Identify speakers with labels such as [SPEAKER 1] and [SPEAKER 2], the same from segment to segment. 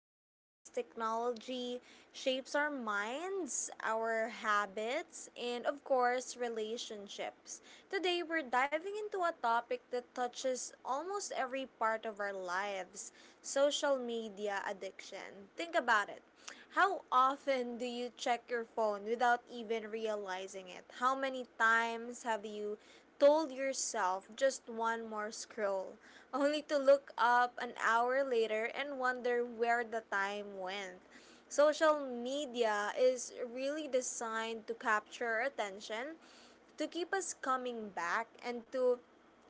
[SPEAKER 1] the ways technology shapes our minds, our habits, and of course, relationships. Today, we're diving into a topic that touches almost every part of our lives, social media addiction. Think about it. How often do you check your phone without even realizing it? How many times have you told yourself just one more scroll, only to look up an hour later and wonder where the time went? Social media is really designed to capture our attention, to keep us coming back, and to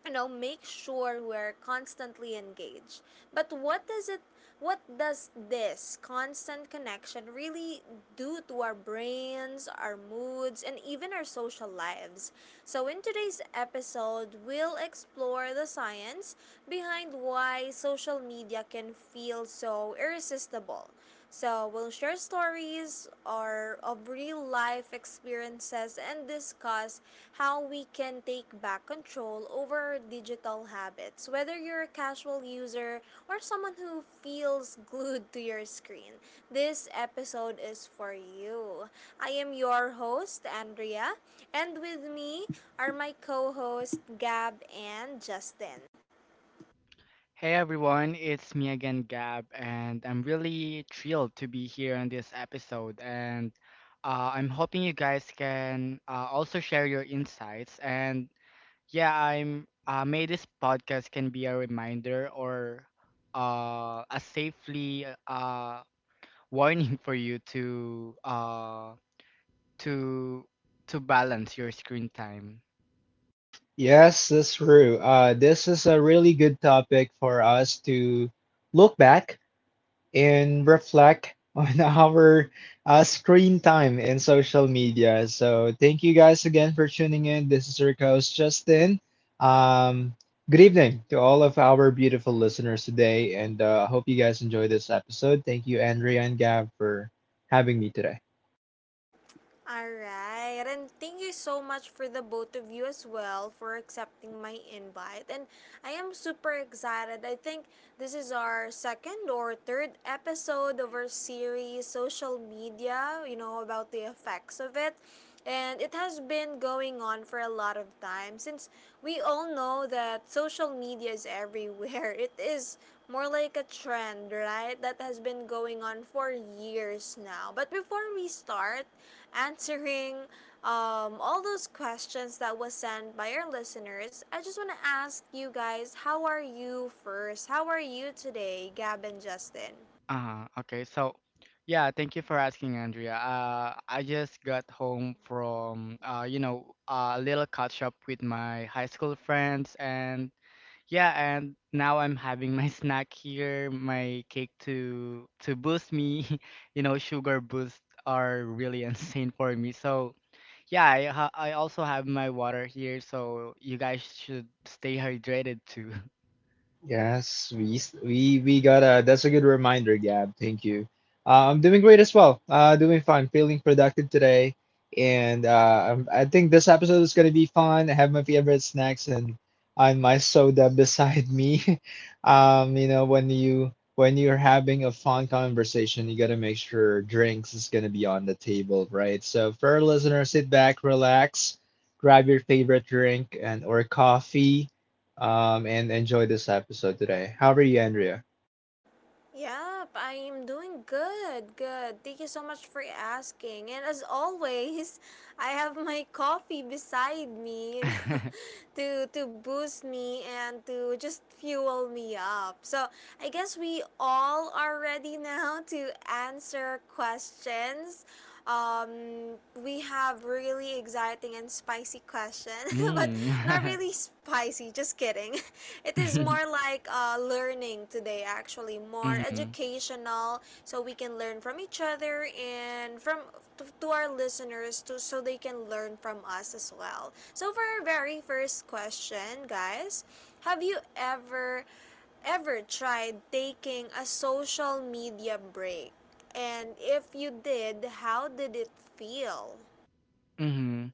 [SPEAKER 1] make sure we're constantly engaged. But what does this constant connection really do to our brains, our moods, and even our social lives? So in today's episode, we'll explore the science behind why social media can feel so irresistible, so we'll share stories or of real life experiences and discuss how we can take back control over our digital habits. Whether you're a casual user or someone who feels glued to your screen, this episode is for you. I am your host, Andrea, and with me are my co hosts, Gab and Justin.
[SPEAKER 2] Hey everyone, it's me again, Gab, and I'm really thrilled to be here on this episode. And I'm hoping you guys can also share your insights. And yeah, I'm may this podcast can be a reminder or a safely warning for you to to to balance your screen time.
[SPEAKER 3] Yes, that's true. This is a really good topic for us to look back and reflect on our screen time in social media. So, thank you guys again for tuning in. This is your host, Justin. Um, Good evening to all of our beautiful listeners today, and I hope you guys enjoy this episode. Thank you, Andrea and Gab, for having me today.
[SPEAKER 1] Alright, and thank you so much for the both of you as well for accepting my invite. And I am super excited. I think this is our second or third episode of our series, Social Media, you know, about the effects of it. And it has been going on for a lot of time, since we all know that social media is everywhere. It is more like a trend, right? That has been going on for years now. But before we start answering all those questions that was sent by our listeners, I just want to ask you guys, how are you first? How are you today, Gab and Justin?
[SPEAKER 2] Okay, so yeah, thank you for asking, Andrea. I just got home from you know, a little catch up with my high school friends, and yeah, and now I'm having my snack here, my cake to boost me. You know, sugar boosts are really insane for me. So yeah, I also have my water here, so you guys should stay hydrated too.
[SPEAKER 3] Yes, we s- we got a that's a good reminder, Gab. Thank you. I'm doing great as well. Doing fine, feeling productive today, and I'm, I think this episode is gonna be fun. I have my favorite snacks and my soda beside me. When you're having a fun conversation, you gotta make sure drinks is gonna be on the table, right? So for our listeners, sit back, relax, grab your favorite drink and or coffee, and enjoy this episode today. How are you, Andrea?
[SPEAKER 1] Yep, I am doing good. Good. Thank you so much for asking. And as always, I have my coffee beside me, you know, to boost me and to just fuel me up. So, I guess we all are ready now to answer questions. We have really exciting and spicy question, but
[SPEAKER 2] Mm.
[SPEAKER 1] not really spicy. Just kidding. It is more like learning today, actually, more educational, so we can learn from each other and from to, our listeners, to so they can learn from us as well. So for our very first question, guys, have you ever tried taking a social media break? And if you did, how did it feel?
[SPEAKER 2] Mm-hmm.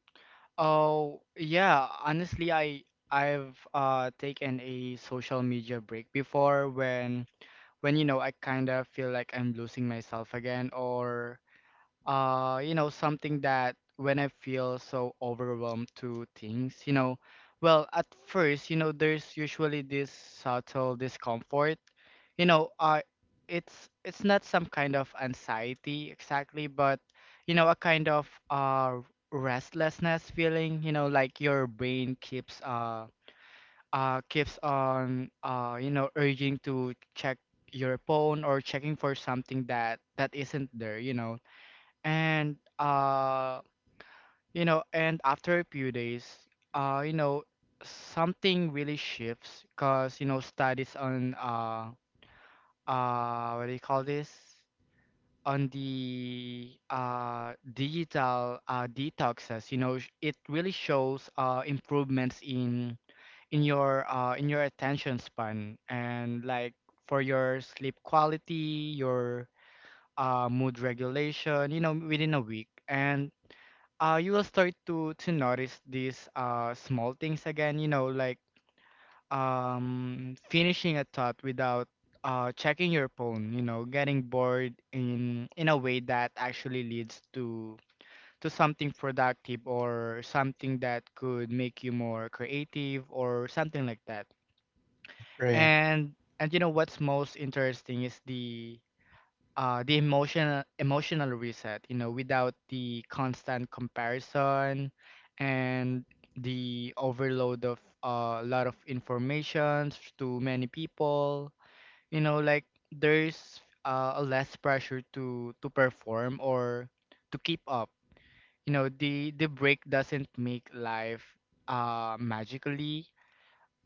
[SPEAKER 2] Oh, yeah. Honestly, I've taken a social media break before when you know I kind of feel like I'm losing myself again or you know something that when I feel so overwhelmed to things, you know. Well at first, you know, there's usually this subtle discomfort, you know, it's not some kind of anxiety exactly, but you know, a kind of restlessness feeling, you know, like your brain keeps on you know urging to check your phone or checking for something that isn't there, you know. And you know, and after a few days, you know, something really shifts because you know studies on what do you call this, on the digital detoxes, you know, it really shows improvements in in your attention span and like for your sleep quality, your mood regulation, you know, within a week. And you will start to notice these small things again, you know, like finishing a thought without checking your phone, you know, getting bored in a way that actually leads to something productive or something that could make you more creative or something like that.
[SPEAKER 3] Right.
[SPEAKER 2] and and you know what's most interesting is the emotional reset, you know, without the constant comparison and the overload of a lot of information to many people. You know, like there's a less pressure to perform or to keep up. You know, the break doesn't make life magically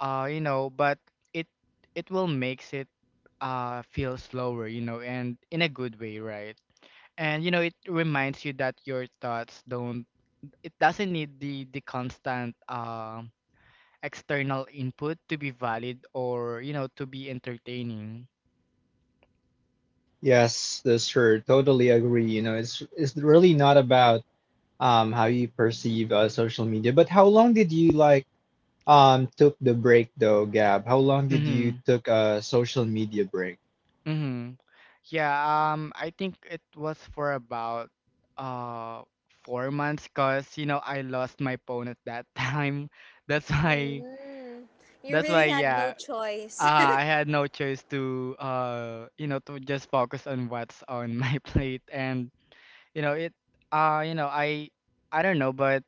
[SPEAKER 2] you know, but it it will makes it feel slower, you know, and in a good way, right? And you know, it reminds you that your thoughts don't, it doesn't need the constant external input to be valid or, you know, to be entertaining.
[SPEAKER 3] Yes, this sure. Totally agree. You know, it's really not about how you perceive social media, but how long did you took the break though, Gab? How long did you
[SPEAKER 2] Mm-hmm.
[SPEAKER 3] took a social media break?
[SPEAKER 2] Mm-hmm. Yeah, I think it was for about uh 4 months because you know I lost my phone at that time. That's why
[SPEAKER 1] Mm, you really had no
[SPEAKER 2] yeah.
[SPEAKER 1] choice.
[SPEAKER 2] I had no choice to you know to just focus on what's on my plate. And you know, it, you know, I don't know, but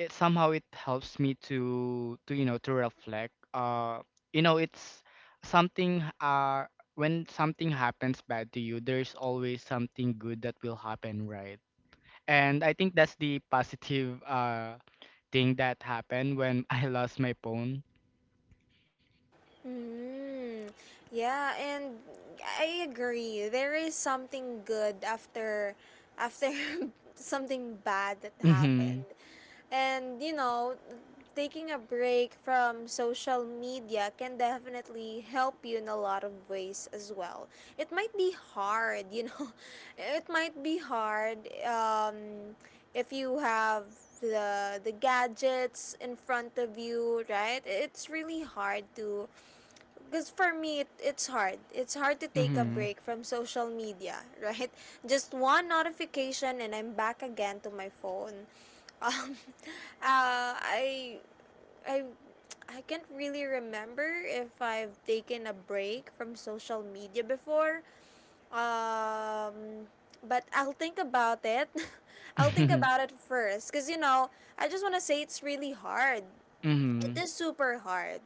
[SPEAKER 2] it somehow it helps me to you know, to reflect. Uh, you know, it's something when something happens bad to you, there's always something good that will happen, right? And I think that's the positive thing that happened when I lost my phone.
[SPEAKER 1] Mm, yeah, and I agree. There is something good after after something bad that
[SPEAKER 2] Mhm.
[SPEAKER 1] happened. And you know, taking a break from social media can definitely help you in a lot of ways as well. It might be hard, you know. It might be hard, um, if you have the gadgets in front of you, right? It's really hard to, because for me it's hard, it's hard to take a
[SPEAKER 2] Mhm.
[SPEAKER 1] break from social media, right? Just one notification and I'm back again to my phone. Um uh, I i I can't really remember if I've taken a break from social media before. um but I'll think about it. I'll think about it first, because you know, I just want to say it's really hard, it
[SPEAKER 2] Mhm.
[SPEAKER 1] is super hard.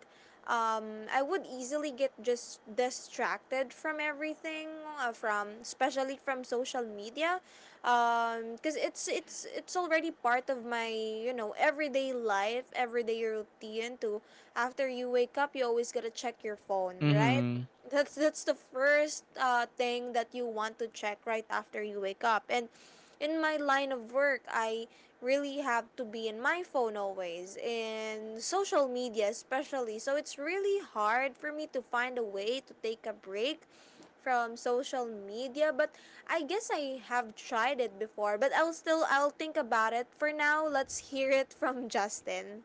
[SPEAKER 1] I would easily get just distracted from everything, from especially from social media, because it's it's already part of my, you know, everyday life, everyday routine. To, after you wake up, you always gotta check your phone, right?
[SPEAKER 2] Mhm.
[SPEAKER 1] That's the first thing that you want to check right after you wake up. And in my line of work, I really have to be in my phone always, in social media especially, so it's really hard for me to find a way to take a break from social media. But I guess I have tried it before, but I'll still I'll think about it for now. Let's hear it from Justin.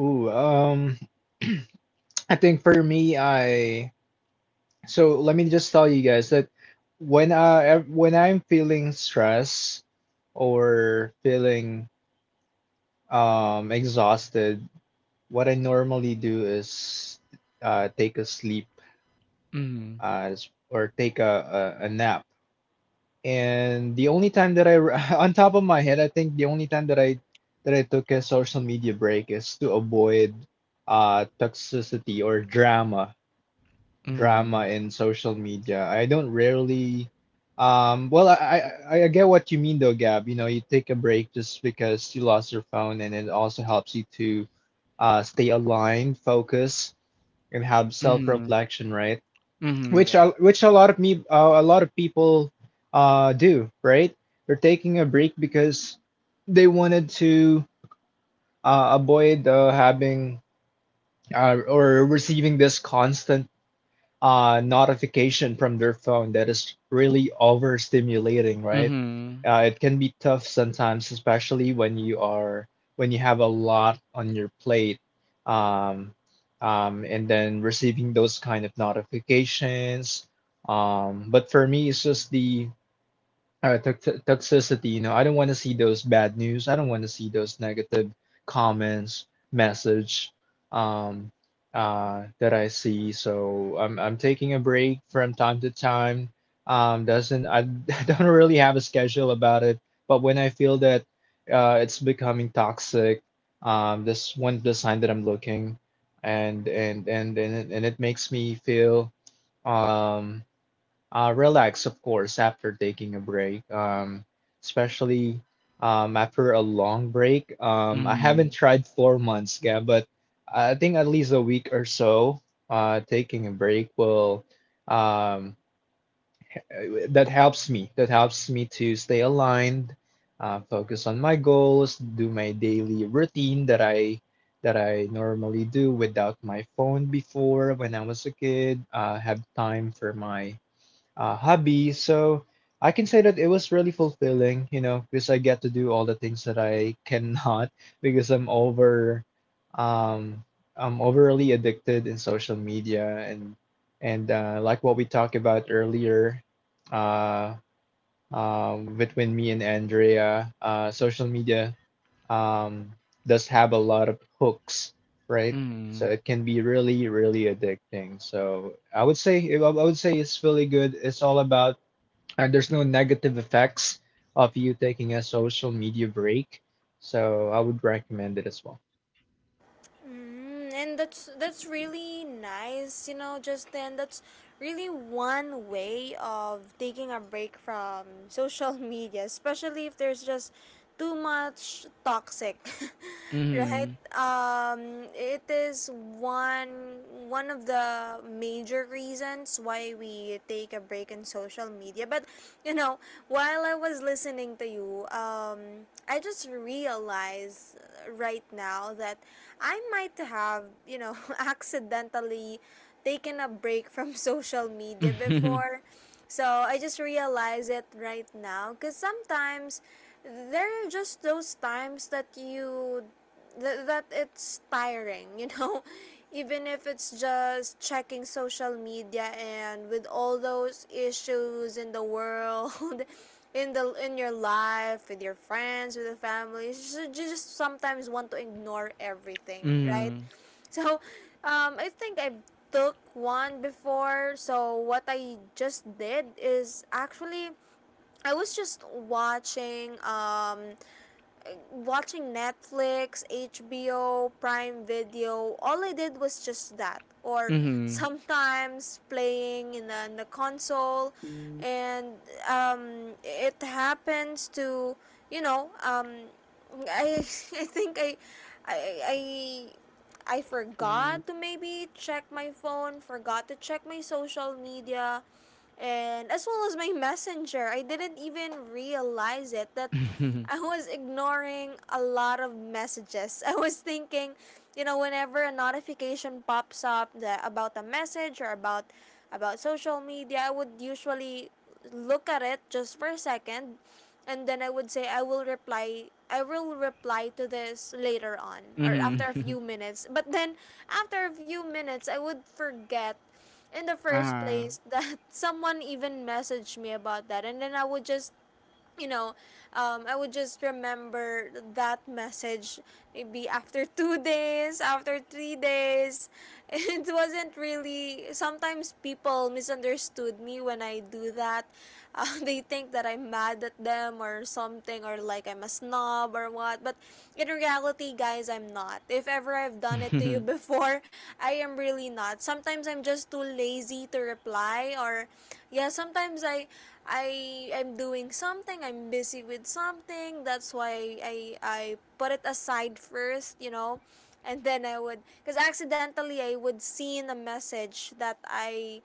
[SPEAKER 3] Ooh, um, I think for me, I so let me just tell you guys that when I'm feeling stress or feeling exhausted. What I normally do is take a sleep
[SPEAKER 2] Mhm.
[SPEAKER 3] or take a nap. And the only time that on top of my head, I think the only time that I took a social media break is to avoid toxicity or drama, drama
[SPEAKER 2] Mhm.
[SPEAKER 3] in social media. I don't rarely, well, I get what you mean though, Gab. You know, you take a break just because you lost your phone, and it also helps you to stay aligned, focus, and have
[SPEAKER 2] Mhm. Mhm.
[SPEAKER 3] self-reflection, right?
[SPEAKER 2] Mhm. Yeah.
[SPEAKER 3] Which a lot of me a lot of people do, right? They're taking a break because they wanted to avoid having or receiving this constant notification from their phone that is really overstimulating, right?
[SPEAKER 2] Mhm.
[SPEAKER 3] It can be tough sometimes, especially when you have a lot on your plate, um, and then receiving those kind of notifications. But for me, it's just the all right, toxicity, you know. I don't want to see those bad news. I don't want to see those negative comments, message, um, that I see. So I'm taking a break from time to time. Doesn't I don't really have a schedule about it, but when I feel that it's becoming toxic, this one the sign that I'm looking, and it makes me feel um relax, of course, after taking a break, especially after a long break. I haven't
[SPEAKER 2] Mhm.
[SPEAKER 3] tried 4 months, yeah, but I think at least a week or so, taking a break will um, that helps me. That helps me to stay aligned, focus on my goals, do my daily routine that I normally do without my phone before when I was a kid. Have time for my hobby. So I can say that it was really fulfilling, you know, because I get to do all the things that I cannot because um, I'm overly addicted in social media, and like what we talked about earlier, uh, between me and Andrea, social media um, does have a lot of hooks, right? So
[SPEAKER 2] Mm.
[SPEAKER 3] it can be really, really addicting. So I would say it's really good. It's all about and there's no negative effects of you taking a social media break. So I would recommend it as well.
[SPEAKER 1] Mm, and that's really nice, you know, just then, that's really one way of taking a break from social media, especially if there's just too much toxic.
[SPEAKER 2] Mhm.
[SPEAKER 1] Right? Um, it is one one of the major reasons why we take a break in social media. But you know, while I was listening to you, I just realized, right now, that I might have, you know, accidentally taken a break from social media
[SPEAKER 2] Mhm.
[SPEAKER 1] before. So I just realize it right now, because sometimes there are just those times that that it's tiring, you know? Even if it's just checking social media, and with all those issues in the world, in the in your life, with your friends, with the family, you just sometimes want to ignore everything, right?
[SPEAKER 2] Mhm.
[SPEAKER 1] So, I think I took one before. So what I just did is actually, I was just watching Netflix, HBO, Prime Video, all I did was just that. Or,
[SPEAKER 2] Mhm.
[SPEAKER 1] sometimes playing in in the console, and it happens to, you know, I think I I, I forgot to maybe check my phone, forgot to check my social media, and as well as my messenger. I didn't even realize it that
[SPEAKER 2] Mhm.
[SPEAKER 1] I was ignoring a lot of messages. I was thinking, you know, whenever a notification pops up that about a message or about social media, I would usually look at it just for a second, and then I would say I will reply to this later on or
[SPEAKER 2] Mhm.
[SPEAKER 1] after a few minutes. But then, after a few minutes, I would forget in the first
[SPEAKER 2] Ah.
[SPEAKER 1] place that someone even messaged me about that, and then I would just, you know, I would just remember that message maybe after 2 days, after 3 days. It wasn't really, sometimes people misunderstood me when I do that, they think that I'm mad at them or something, or like I'm a snob or what. But in reality, guys, I'm not not. If ever I've done it to you
[SPEAKER 2] Uh-huh.
[SPEAKER 1] before, I am really not. Sometimes I'm just too lazy to reply, or yeah, sometimes I am doing something, I'm busy with something. That's why I put it aside first, you know. And then I would, cuz accidentally I would seen a message that I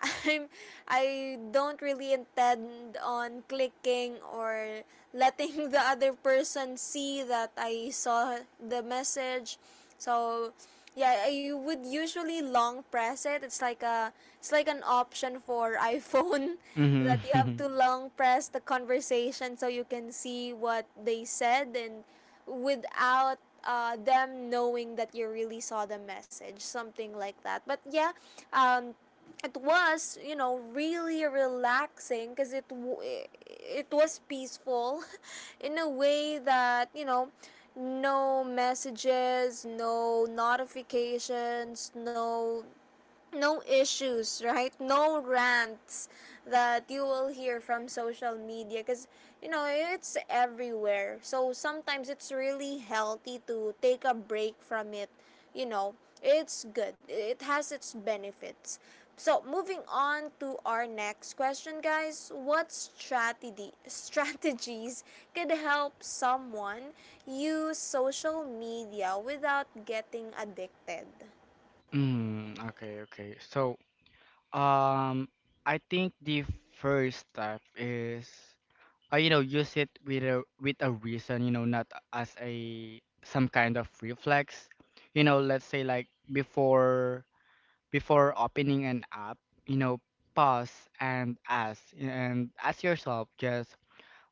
[SPEAKER 1] I'm I don't really intend on clicking, or letting the other person see that I saw the message. So yeah, I would usually long press it. It's like an option for iPhone
[SPEAKER 2] Mhm.
[SPEAKER 1] that you have
[SPEAKER 2] Mhm.
[SPEAKER 1] to long press the conversation, so you can see what they said, and without, them knowing that you really saw the message, something like that. But yeah, um, it was, you know, really relaxing, because it was peaceful, in a way that, you know, no messages, no notifications, no issues, right? No rants that you will hear from social media, because you know, it's everywhere. So sometimes it's really healthy to take a break from it. You know, it's good. It has its benefits. So moving on to our next question, guys. What strategy strategies could help someone use social media without getting addicted?
[SPEAKER 2] Mhm. Okay, okay. So, um, I think the first step is, you know, use it with a reason, you know, not as a some kind of reflex. You know, let's say like before opening an app, you know, pause and ask yourself just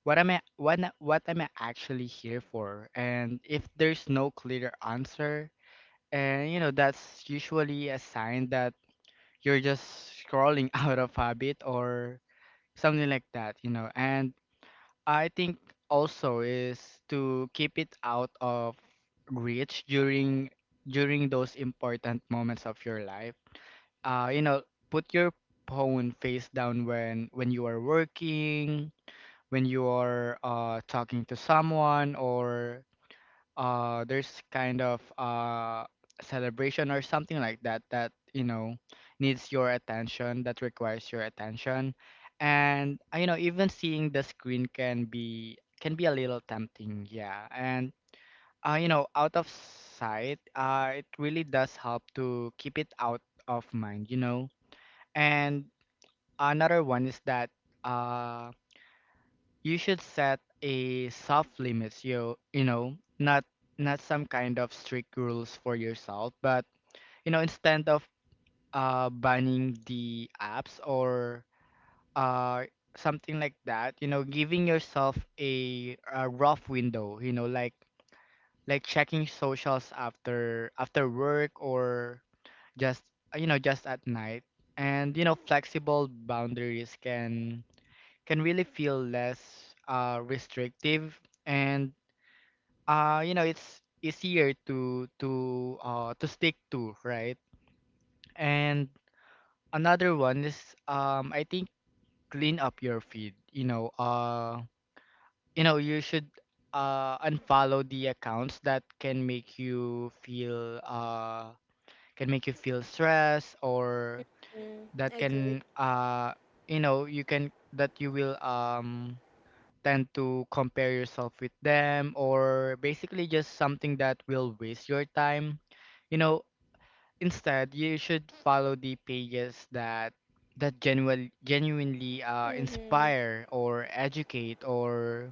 [SPEAKER 2] what am I, what am I actually here for? And if there's no clear answer, and you know that's usually a sign that you're just scrolling out of habit or something like that, you know. And I think also is to keep it out of reach during those important moments of your life. You know, put your phone face down when you are working, when you are talking to someone, or there's kind of celebration or something like that that, you know, needs your attention, that requires your attention. And you know, even seeing the screen can be a little tempting, yeah. And you know, out of sight, it really does help to keep it out of mind, you know. And another one is that uh you should set a soft limits, you know, not not some kind of strict rules for yourself, but you know, instead of banning the apps or uh something like that, you know, giving yourself a rough window, you know, like checking socials after work or just you know, just at night. And you know flexible boundaries can really feel less restrictive. And you know, it's easier to to stick to, right? And another one is I think clean up your feed, you know. You know, you should unfollow the accounts that can make you feel can make you feel stress or
[SPEAKER 1] Mm,
[SPEAKER 2] that
[SPEAKER 1] agree.
[SPEAKER 2] can you know, you can that you will tend to compare yourself with them, or basically just something that will waste your time. You know, instead you should follow the pages that genuine, genuinely
[SPEAKER 1] Mm-hmm.
[SPEAKER 2] inspire or educate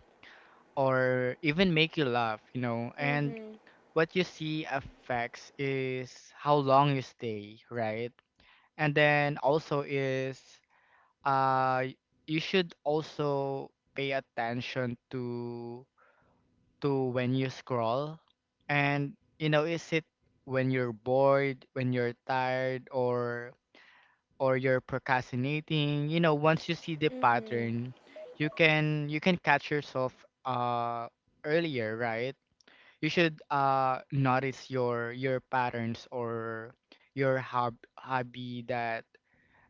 [SPEAKER 2] or even make you laugh, you know. And
[SPEAKER 1] Mm-hmm.
[SPEAKER 2] what you see affects is how long you stay, right? And then also is uh you should also pay attention to when you scroll. And you know, is it when you're bored, when you're tired, or you're procrastinating? You know, once you see the pattern, you can catch yourself uh earlier, right? You should notice your patterns or your hobby that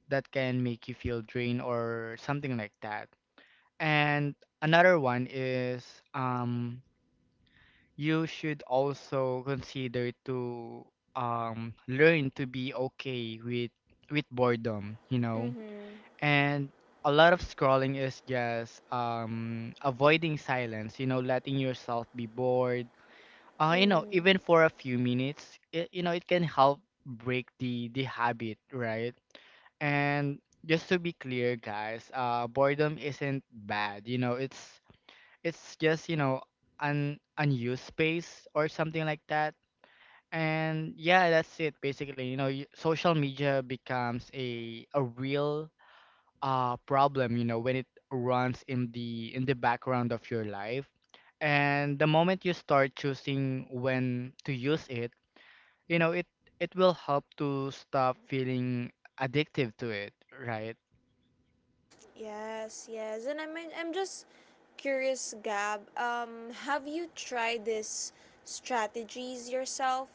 [SPEAKER 2] can make you feel drained or something like that. And another one is um you should also consider to learn to be okay with boredom, you know.
[SPEAKER 1] Mm-hmm.
[SPEAKER 2] And a lot of scrolling is just avoiding silence, you know, letting yourself be bored. You know,
[SPEAKER 1] Mm-hmm.
[SPEAKER 2] even for a few minutes, you know, it can help break the habit, right? And just to be clear, guys, boredom isn't bad. You know, it's just you know un unused space or something like that. And yeah, that's it basically, you know. Social media becomes a real problem, you know, when it runs in the background of your life. And the moment you start choosing when to use it, you know, it will help to stop feeling addictive to it, right?
[SPEAKER 1] Yes, yes. And I mean, I'm just curious, Gab. Have you tried this strategies yourself?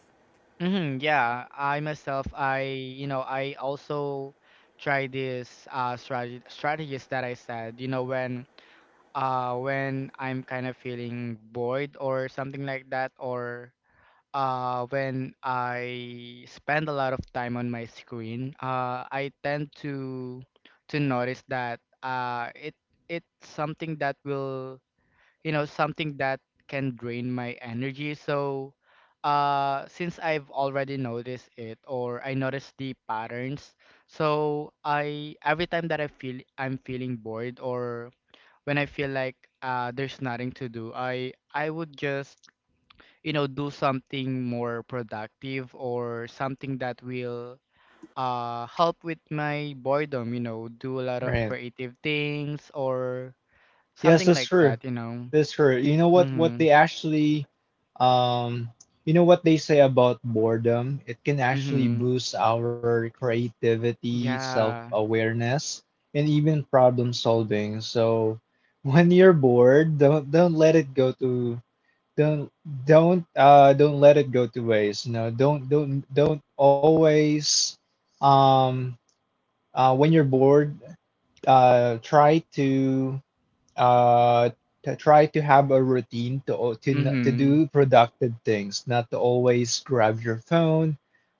[SPEAKER 2] Hmm, yeah, I myself, I you know, I also try this strategy strategies that I said, you know, when I'm kind of feeling bored or something like that, or when I spend a lot of time on my screen, I tend to notice that it it's something that will you know something that can drain my energy. So since I've already noticed it, or I noticed the patterns, so I every time that I'm feeling bored or when I feel like there's nothing to do, I would just, you know, do something more productive or something that will help with my boredom, you know, do a lot of
[SPEAKER 3] Right.
[SPEAKER 2] creative things or
[SPEAKER 3] Yes,
[SPEAKER 2] something
[SPEAKER 3] that's
[SPEAKER 2] like
[SPEAKER 3] true.
[SPEAKER 2] that, you know.
[SPEAKER 3] That's true. You know what
[SPEAKER 2] Mhm.
[SPEAKER 3] they actually um you know what they say about boredom? It can actually
[SPEAKER 2] Mhm.
[SPEAKER 3] boost our creativity,
[SPEAKER 2] Yeah.
[SPEAKER 3] self-awareness, and even problem solving. So when you're bored, don't let it go to don't don't let it go to waste. You know, don't always um when you're bored, try to uh try to have a routine to
[SPEAKER 2] Mhm.
[SPEAKER 3] do productive things, not to always grab your phone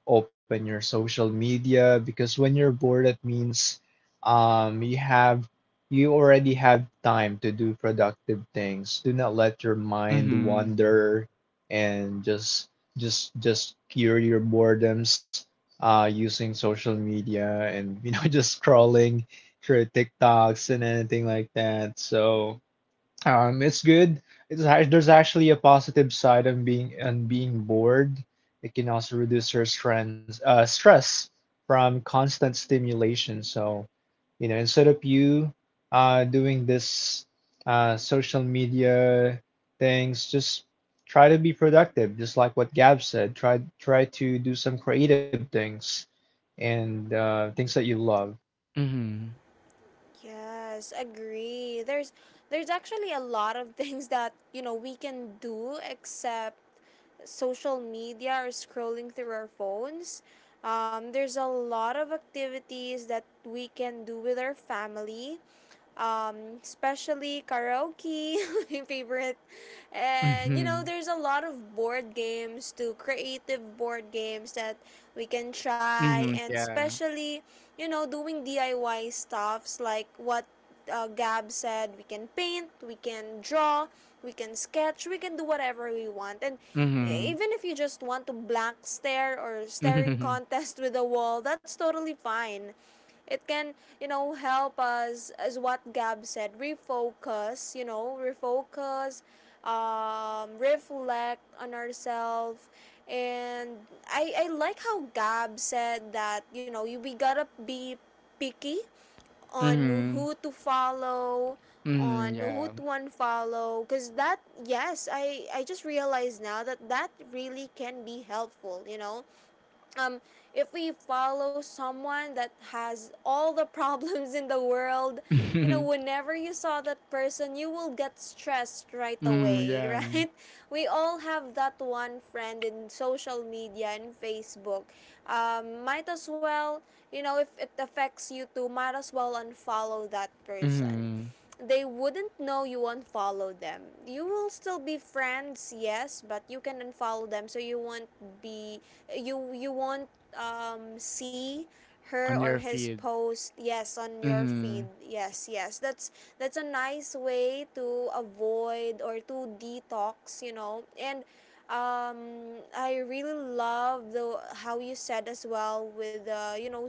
[SPEAKER 3] open your social media because when you're bored it means um you have you already have time to do productive things. Do not let your mind
[SPEAKER 2] Mhm.
[SPEAKER 3] wander and just cure your boredoms using social media, and you know just scrolling through TikToks and anything like that. So it's good. There's actually a positive side on being bored. It can also reduce your stress from constant stimulation. So you know, instead of you doing this social media things, just try to be productive. Just like what Gab said, try to do some creative things and things that you love.
[SPEAKER 2] Mhm.
[SPEAKER 1] Yes, agree. There's actually a lot of things that, you know, we can do except social media or scrolling through our phones. There's a lot of activities that we can do with our family, especially karaoke, my favorite. And you know,
[SPEAKER 2] Mhm.
[SPEAKER 1] there's a lot of board games, to creative board games that we can try,
[SPEAKER 2] Mhm.
[SPEAKER 1] and
[SPEAKER 2] Yeah.
[SPEAKER 1] especially, you know, doing DIY stuffs like what, Gab said. We can paint, we can draw, we can sketch, we can do whatever we want. And
[SPEAKER 2] Mhm.
[SPEAKER 1] even if you just want to blank stare, or staring
[SPEAKER 2] Mhm.
[SPEAKER 1] contest with a wall, that's totally fine. It can, you know, help us, as what Gab said, refocus. You know, refocus reflect on ourselves. And I like how Gab said that, you know, we gotta be picky on
[SPEAKER 2] Mhm.
[SPEAKER 1] who to follow,
[SPEAKER 2] Mhm.
[SPEAKER 1] on who
[SPEAKER 2] Yeah.
[SPEAKER 1] to unfollow, because that, yes, I just realized now that that really can be helpful, you know. Um, if we follow someone that has all the problems in the world, you know, whenever you saw that person, you will get stressed right
[SPEAKER 2] Mhm.
[SPEAKER 1] away,
[SPEAKER 2] Yeah.
[SPEAKER 1] right? We all have that one friend in social media and Facebook. Might as well, you know, if it affects you too, might as well unfollow that person.
[SPEAKER 2] Mhm.
[SPEAKER 1] They wouldn't know you unfollow them. You will still be friends, yes, but you can unfollow them so you won't be you won't see her
[SPEAKER 2] On
[SPEAKER 1] or
[SPEAKER 2] your
[SPEAKER 1] his
[SPEAKER 2] feed.
[SPEAKER 1] post. Yes, on your feed.
[SPEAKER 2] Mhm.
[SPEAKER 1] Yes, yes, that's a nice way to avoid or to detox, and I really love the how you said as well with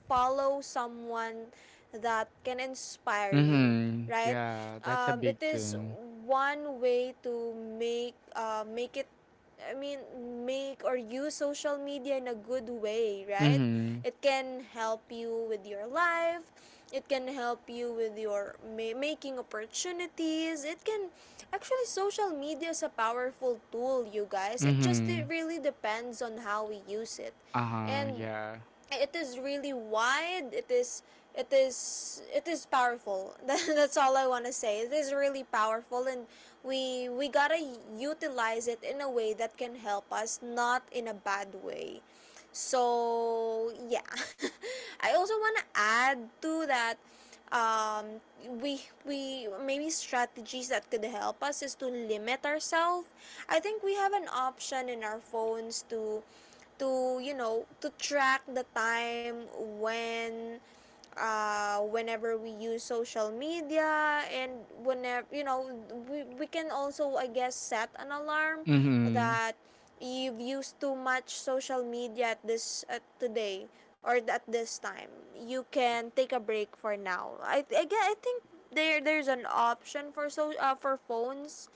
[SPEAKER 1] follow someone that can inspire you,
[SPEAKER 2] Mhm.
[SPEAKER 1] right?
[SPEAKER 2] Yeah. That's a
[SPEAKER 1] It
[SPEAKER 2] big
[SPEAKER 1] is
[SPEAKER 2] thing.
[SPEAKER 1] one way to make make it, I mean, make or use social media in a good way, right?
[SPEAKER 2] Mhm.
[SPEAKER 1] It can help you with your life. It can help you with your making opportunities. It can actually, social media is a powerful tool, you guys. It
[SPEAKER 2] Mhm.
[SPEAKER 1] really depends on how we use it.
[SPEAKER 2] Uh-huh.
[SPEAKER 1] And
[SPEAKER 2] Yeah.
[SPEAKER 1] it is really wide, it is powerful. that's all I want to say. It is really powerful, and we gotta utilize it in a way that can help us, not in a bad way. So yeah. I also want to add to that. um, we maybe strategies that could help us is to limit ourselves. I think we have an option in our phones to to track the time when, whenever we use social media. And whenever you know we can also, I guess, set an alarm
[SPEAKER 2] Mhm.
[SPEAKER 1] that you've used too much social media at this at today or at this time. You can take a break for now. I think there's an option for so, for phones,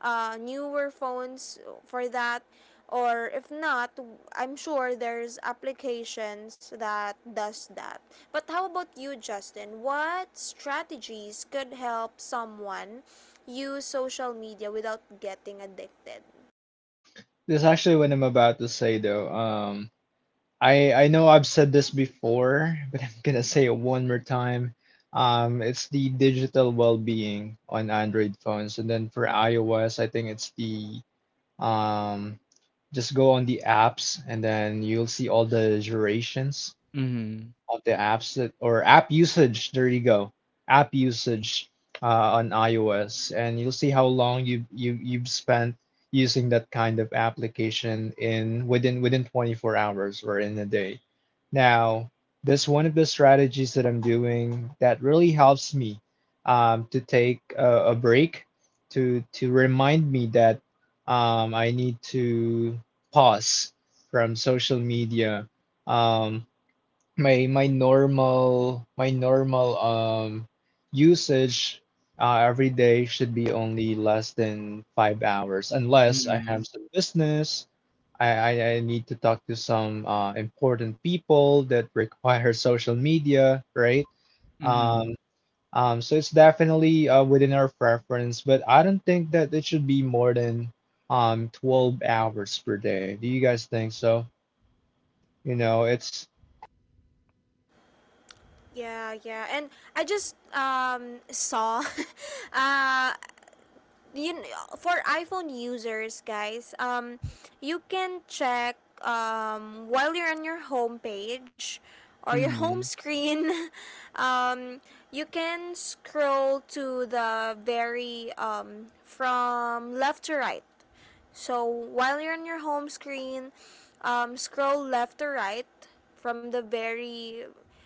[SPEAKER 1] newer phones, for that. Or if not, I'm sure there's applications that does that. But how about you, Justin? What strategies could help someone use social media without getting addicted?
[SPEAKER 3] This is actually what I'm about to say though. I know I've said this before, but I'm gonna say it one more time. It's the digital well-being on Android phones, and then for iOS, I think it's the um, just go on the apps, and then you'll see all the durations
[SPEAKER 2] Mhm.
[SPEAKER 3] of the apps that or app usage. There you go, app usage on iOS, and you'll see how long you've spent using that kind of application in within 24 hours or in a day. Now, this one of the strategies that I'm doing that really helps me to take a break to remind me that I need to pause from social media. Um, my normal usage every day should be only less than 5 hours unless I
[SPEAKER 2] Mhm.
[SPEAKER 3] have some business. I, I, I need to talk to some important people that require social media, right?
[SPEAKER 2] Mhm.
[SPEAKER 3] Um, so it's definitely within our preference, but I don't think that it should be more than 12 hours per day. Do you guys think so? You know, it's
[SPEAKER 1] Yeah, yeah, and I just saw uh for iPhone users, guys, you can check while you're on your home page or your home
[SPEAKER 2] Mhm.
[SPEAKER 1] screen. um, you can scroll to the very from left to right. So while you're on your home screen, scroll left to right from the very,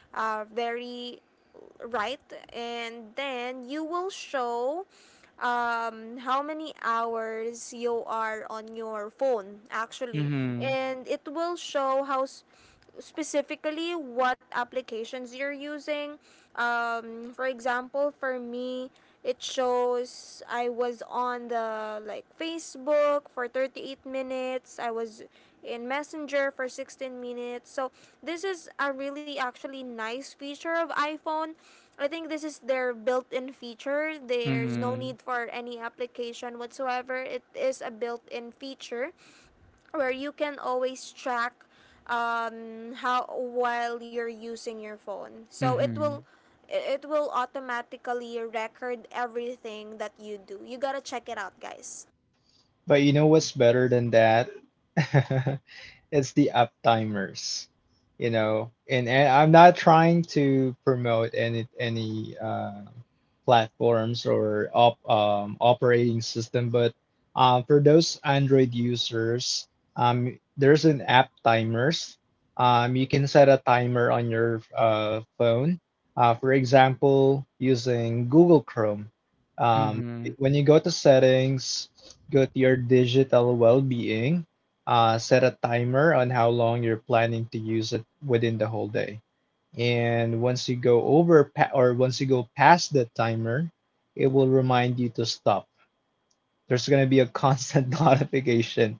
[SPEAKER 1] very right, and then you will show how many hours you are on your phone, actually,
[SPEAKER 2] Mhm.
[SPEAKER 1] and it will show how specifically what applications you're using. For example, for me, it shows I was on the like Facebook for 38 minutes. I was in Messenger for 16 minutes. So this is a really actually nice feature of iPhone. I think this is their built-in feature. There's no
[SPEAKER 2] Mhm.
[SPEAKER 1] need for any application whatsoever. It is a built-in feature where you can always track how while you're using your phone. So it will
[SPEAKER 2] Mhm.
[SPEAKER 1] it will automatically record everything that you do. You gotta check it out, guys.
[SPEAKER 3] But you know what's better than that? It's the app timers, you know. And I'm not trying to promote any platforms or operating system. But for those Android users, there's an app timers. You can set a timer on your phone. For example, using Google Chrome. Um,
[SPEAKER 2] Mhm.
[SPEAKER 3] when you go to settings, go to your digital well-being. Set a timer on how long you're planning to use it within the whole day, and once you go over pa- or once you go past the timer, it will remind you to stop. There's going to be a constant notification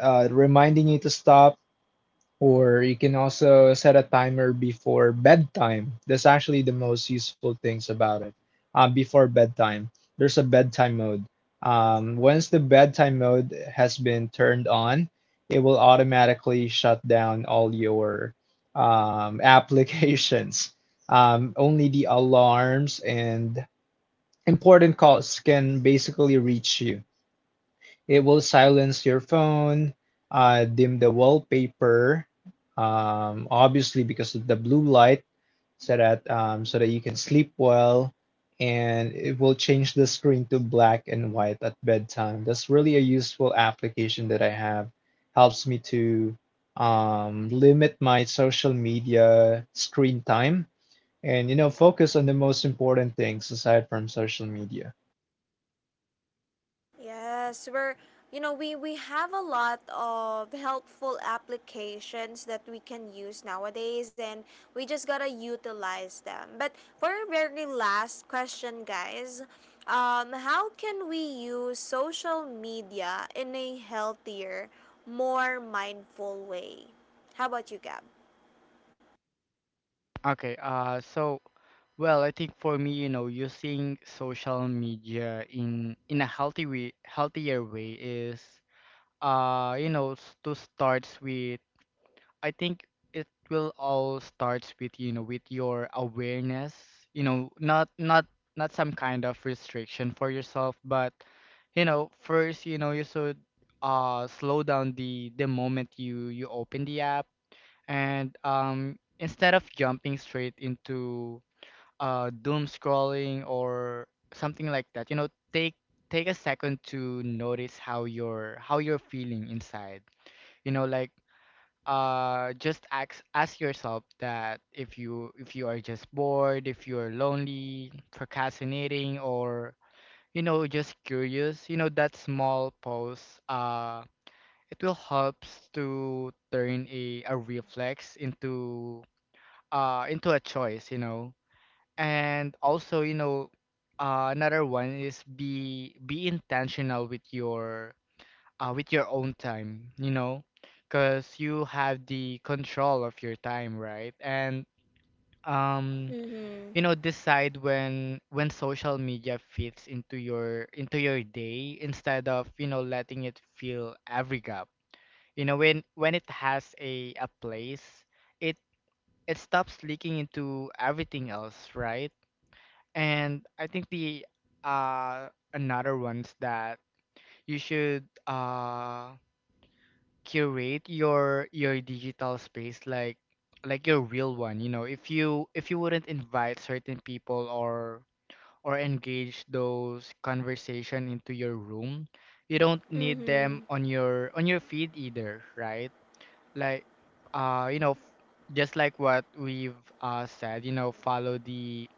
[SPEAKER 3] reminding you to stop, or you can also set a timer before bedtime. That's actually the most useful things about it. Before bedtime, there's a bedtime mode. Once the bedtime mode has been turned on, it will automatically shut down all your applications. Only the alarms and important calls can basically reach you. It will silence your phone, dim the wallpaper, obviously because of the blue light, so that you can sleep well, and it will change the screen to black and white at bedtime. That's really a useful application that I have. Helps me to limit my social media screen time and you know focus on the most important things aside from social media.
[SPEAKER 1] Yes, we're, you know, we have a lot of helpful applications that we can use nowadays, and we just got to utilize them. But for our very last question, guys, how can we use social media in a healthier, more mindful way? How about you, Gab?
[SPEAKER 2] Okay, so well, I think for me, you know, using social media in a healthy way, healthier way is, you know, to starts with. I think it will all starts with you know with your awareness. You know, not not not some kind of restriction for yourself, but you know, first, you know, you should slow down the moment you open the app. And instead of jumping straight into doom scrolling or something like that, you know, take take a second to notice how you're feeling inside, you know, like just ask yourself that if you, if you are just bored, if you're lonely, procrastinating, or you know, just curious. You know that small pause it will helps to turn a reflex into a choice, you know. And also you know, another one is be intentional with your own time, you know, because you have the control of your time, right? And um
[SPEAKER 1] Mhm.
[SPEAKER 2] you know, decide when social media fits into your day, instead of you know letting it fill every gap. You know, when it has a place, it it stops leaking into everything else, right? And I think the uh another ones, that you should curate your digital space, like your real one, you know. If you, if you wouldn't invite certain people or engage those conversation into your room, you don't need them
[SPEAKER 1] Mhm.
[SPEAKER 2] on your feed either, right? Like you know, just like what we've said, you know, follow the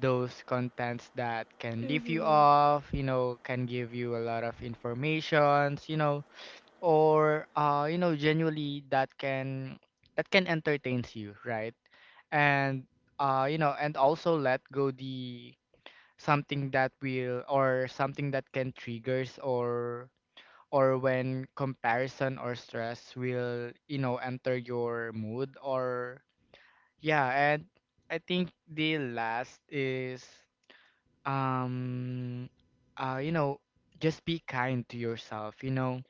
[SPEAKER 2] those contents that can leave you
[SPEAKER 1] Mhm.
[SPEAKER 2] off, you know, can give you a lot of informations, you know, or you know, genuinely that can entertains you, right? And you know, and also let go the something that will or something that can triggers or when comparison or stress will, you know, enter your mood or yeah. And I think the last is um you know, just be kind to yourself, you know.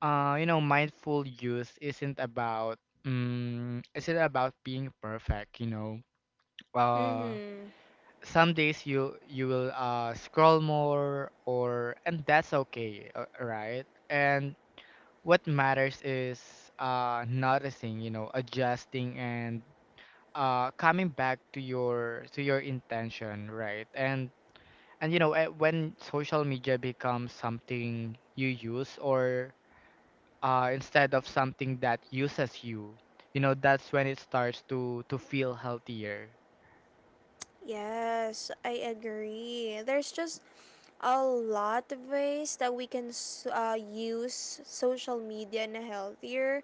[SPEAKER 2] Uh, you know, mindful use isn't about being perfect, you know. Uh,
[SPEAKER 1] Mhm.
[SPEAKER 2] some days you you will scroll more or and that's okay, right. And what matters is noticing, you know, adjusting and coming back to your intention, right? And you know, when social media becomes something you use or instead of something that uses you, you know, that's when it starts to feel healthier.
[SPEAKER 1] Yes, I agree. There's just a lot of ways that we can use social media in a healthier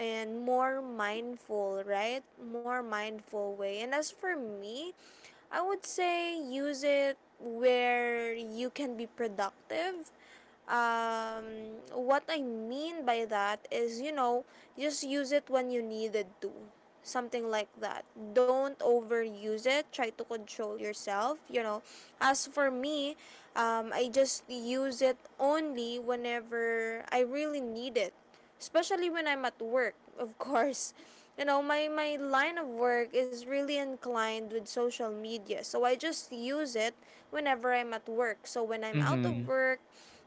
[SPEAKER 1] and more mindful, right? More mindful way. And as for me, I would say use it where you can be productive. Um, what I mean by that is, you know, just use it when you needed to. Something like that. Don't overuse it. Try to control yourself, you know. As for me, I just use it only whenever I really need it. Especially when I'm at work, of course. you know, my line of work is really inclined with social media, so I just use it whenever I'm at work. So when I'm out of
[SPEAKER 2] Mm-hmm.
[SPEAKER 1] work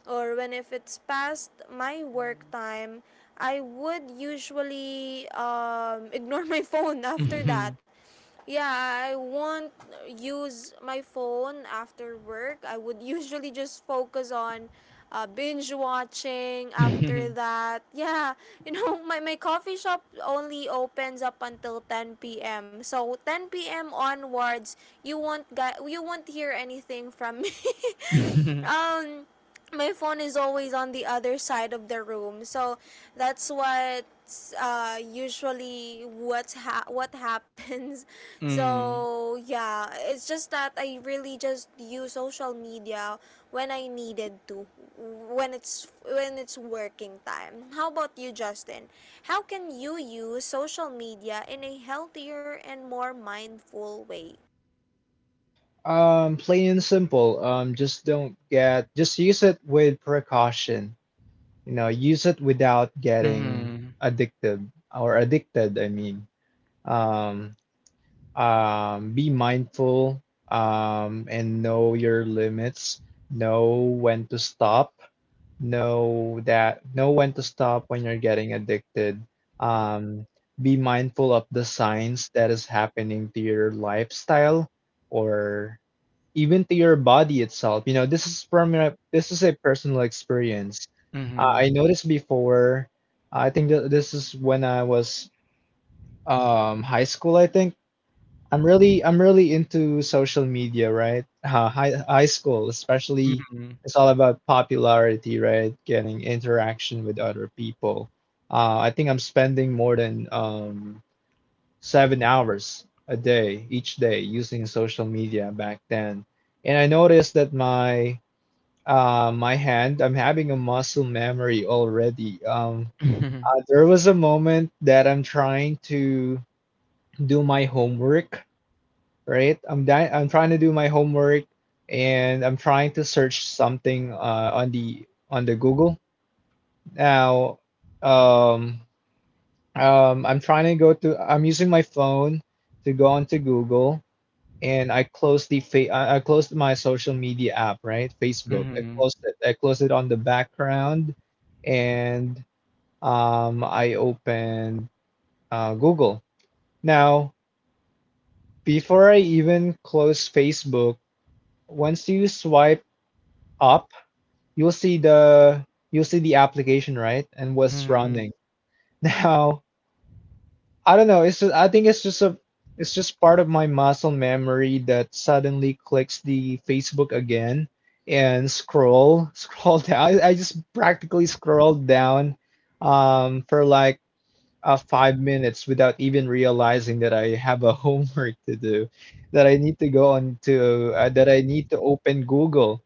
[SPEAKER 1] or when, if it's past my work time, I would usually ignore my phone after
[SPEAKER 2] Mm-hmm.
[SPEAKER 1] that. Yeah, I won't use my phone after work. I would usually just focus on binge watching after that. Yeah, you know, my coffee shop only opens up until 10 p.m. So 10 p.m. onwards, you won't, you won't hear anything from me. um, my phone is always on the other side of the room. So that's what, usually what's what happens.
[SPEAKER 2] Mm-hmm.
[SPEAKER 1] so yeah, it's just that I really just use social media when I needed to, when it's working time. How about you, Justin? How can you use social media in a healthier and more mindful way?
[SPEAKER 3] Plain and simple. Just don't get, Just use it with precaution. You know, use it without getting
[SPEAKER 2] Mm-hmm.
[SPEAKER 3] addicted or addicted, I mean. Um, be mindful, and know your limits. Know when to stop. Know when to stop when you're getting addicted. Um, be mindful of the signs that is happening to your lifestyle or even to your body itself. You know, this is from a, this is a personal experience. I
[SPEAKER 2] Mm-hmm.
[SPEAKER 3] noticed before. I think that this is when I was high school. I think I'm really into social media, right? Uh, high school, especially,
[SPEAKER 2] Mm-hmm.
[SPEAKER 3] it's all about popularity, right? Getting interaction with other people. I think I'm spending more than 7 hours a day each day using social media back then, and I noticed that my my hand, I'm having a muscle memory already. There was a moment that I'm trying to do my homework, right, I'm trying to do my homework and I'm trying to search something on the Google. Now um I'm trying to go to I'm using my phone to go onto Google, and I closed the I closed my social media app, right? Facebook. I
[SPEAKER 2] Mm-hmm.
[SPEAKER 3] closed it. I closed it on the background, and I opened Google. Now, before I even close Facebook, once you swipe up, you'll see the you'll see the application, right? And what's
[SPEAKER 2] Mm-hmm.
[SPEAKER 3] running. Now, I don't know. It's just, I think it's just a it's just part of my muscle memory that suddenly clicks the Facebook again and scroll scroll down. I just practically scrolled down for like 5 minutes without even realizing that I have a homework to do, that I need to go on to that I need to open Google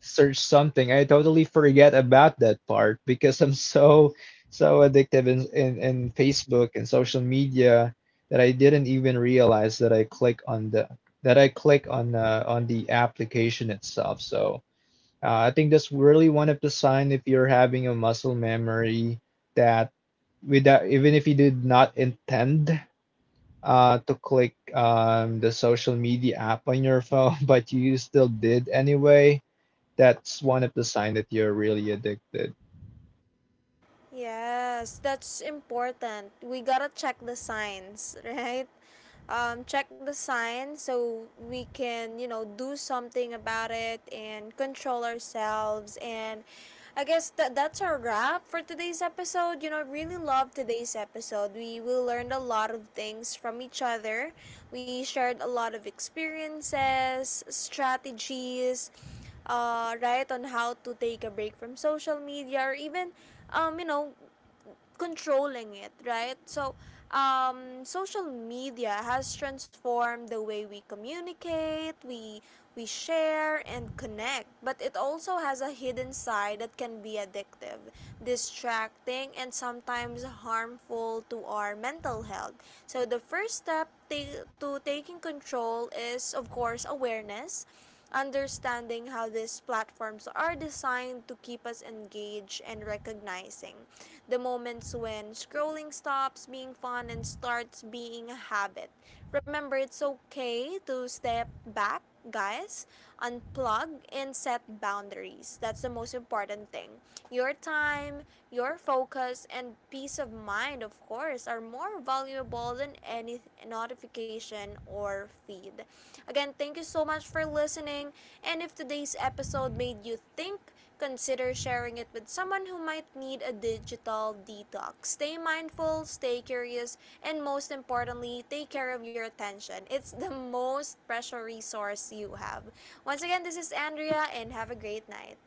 [SPEAKER 3] search something. I totally forget about that part because I'm so so addictive in Facebook and social media that I didn't even realize that I click on the that I click on the application itself. So I think that's really one of the sign if you're having a muscle memory that without even if you did not intend to click the social media app on your phone, but you still did anyway, that's one of the signs that you're really addicted.
[SPEAKER 1] Yes, that's important. We gotta check the signs, right? Check the signs so we can, you know, do something about it and control ourselves. And I guess that's our wrap for today's episode. You know, I really love today's episode. We learned a lot of things from each other. We shared a lot of experiences, strategies, right, on how to take a break from social media or even, um, you know controlling it, right? So, social media has transformed the way we communicate, we share and connect, but it also has a hidden side that can be addictive, distracting, and sometimes harmful to our mental health. So, the first step to taking control is, of course, awareness, understanding how these platforms are designed to keep us engaged and recognizing the moments when scrolling stops being fun and starts being a habit. Remember, it's okay to step back, guys, unplug, and set boundaries. That's the most important thing. Your time, your focus, and peace of mind, of course, are more valuable than any notification or feed. Again, thank you so much for listening. And if today's episode made you think, consider sharing it with someone who might need a digital detox. Stay mindful, stay curious, and most importantly, take care of your attention. It's the most precious resource you have. Once again, this is Andrea, and have a great night.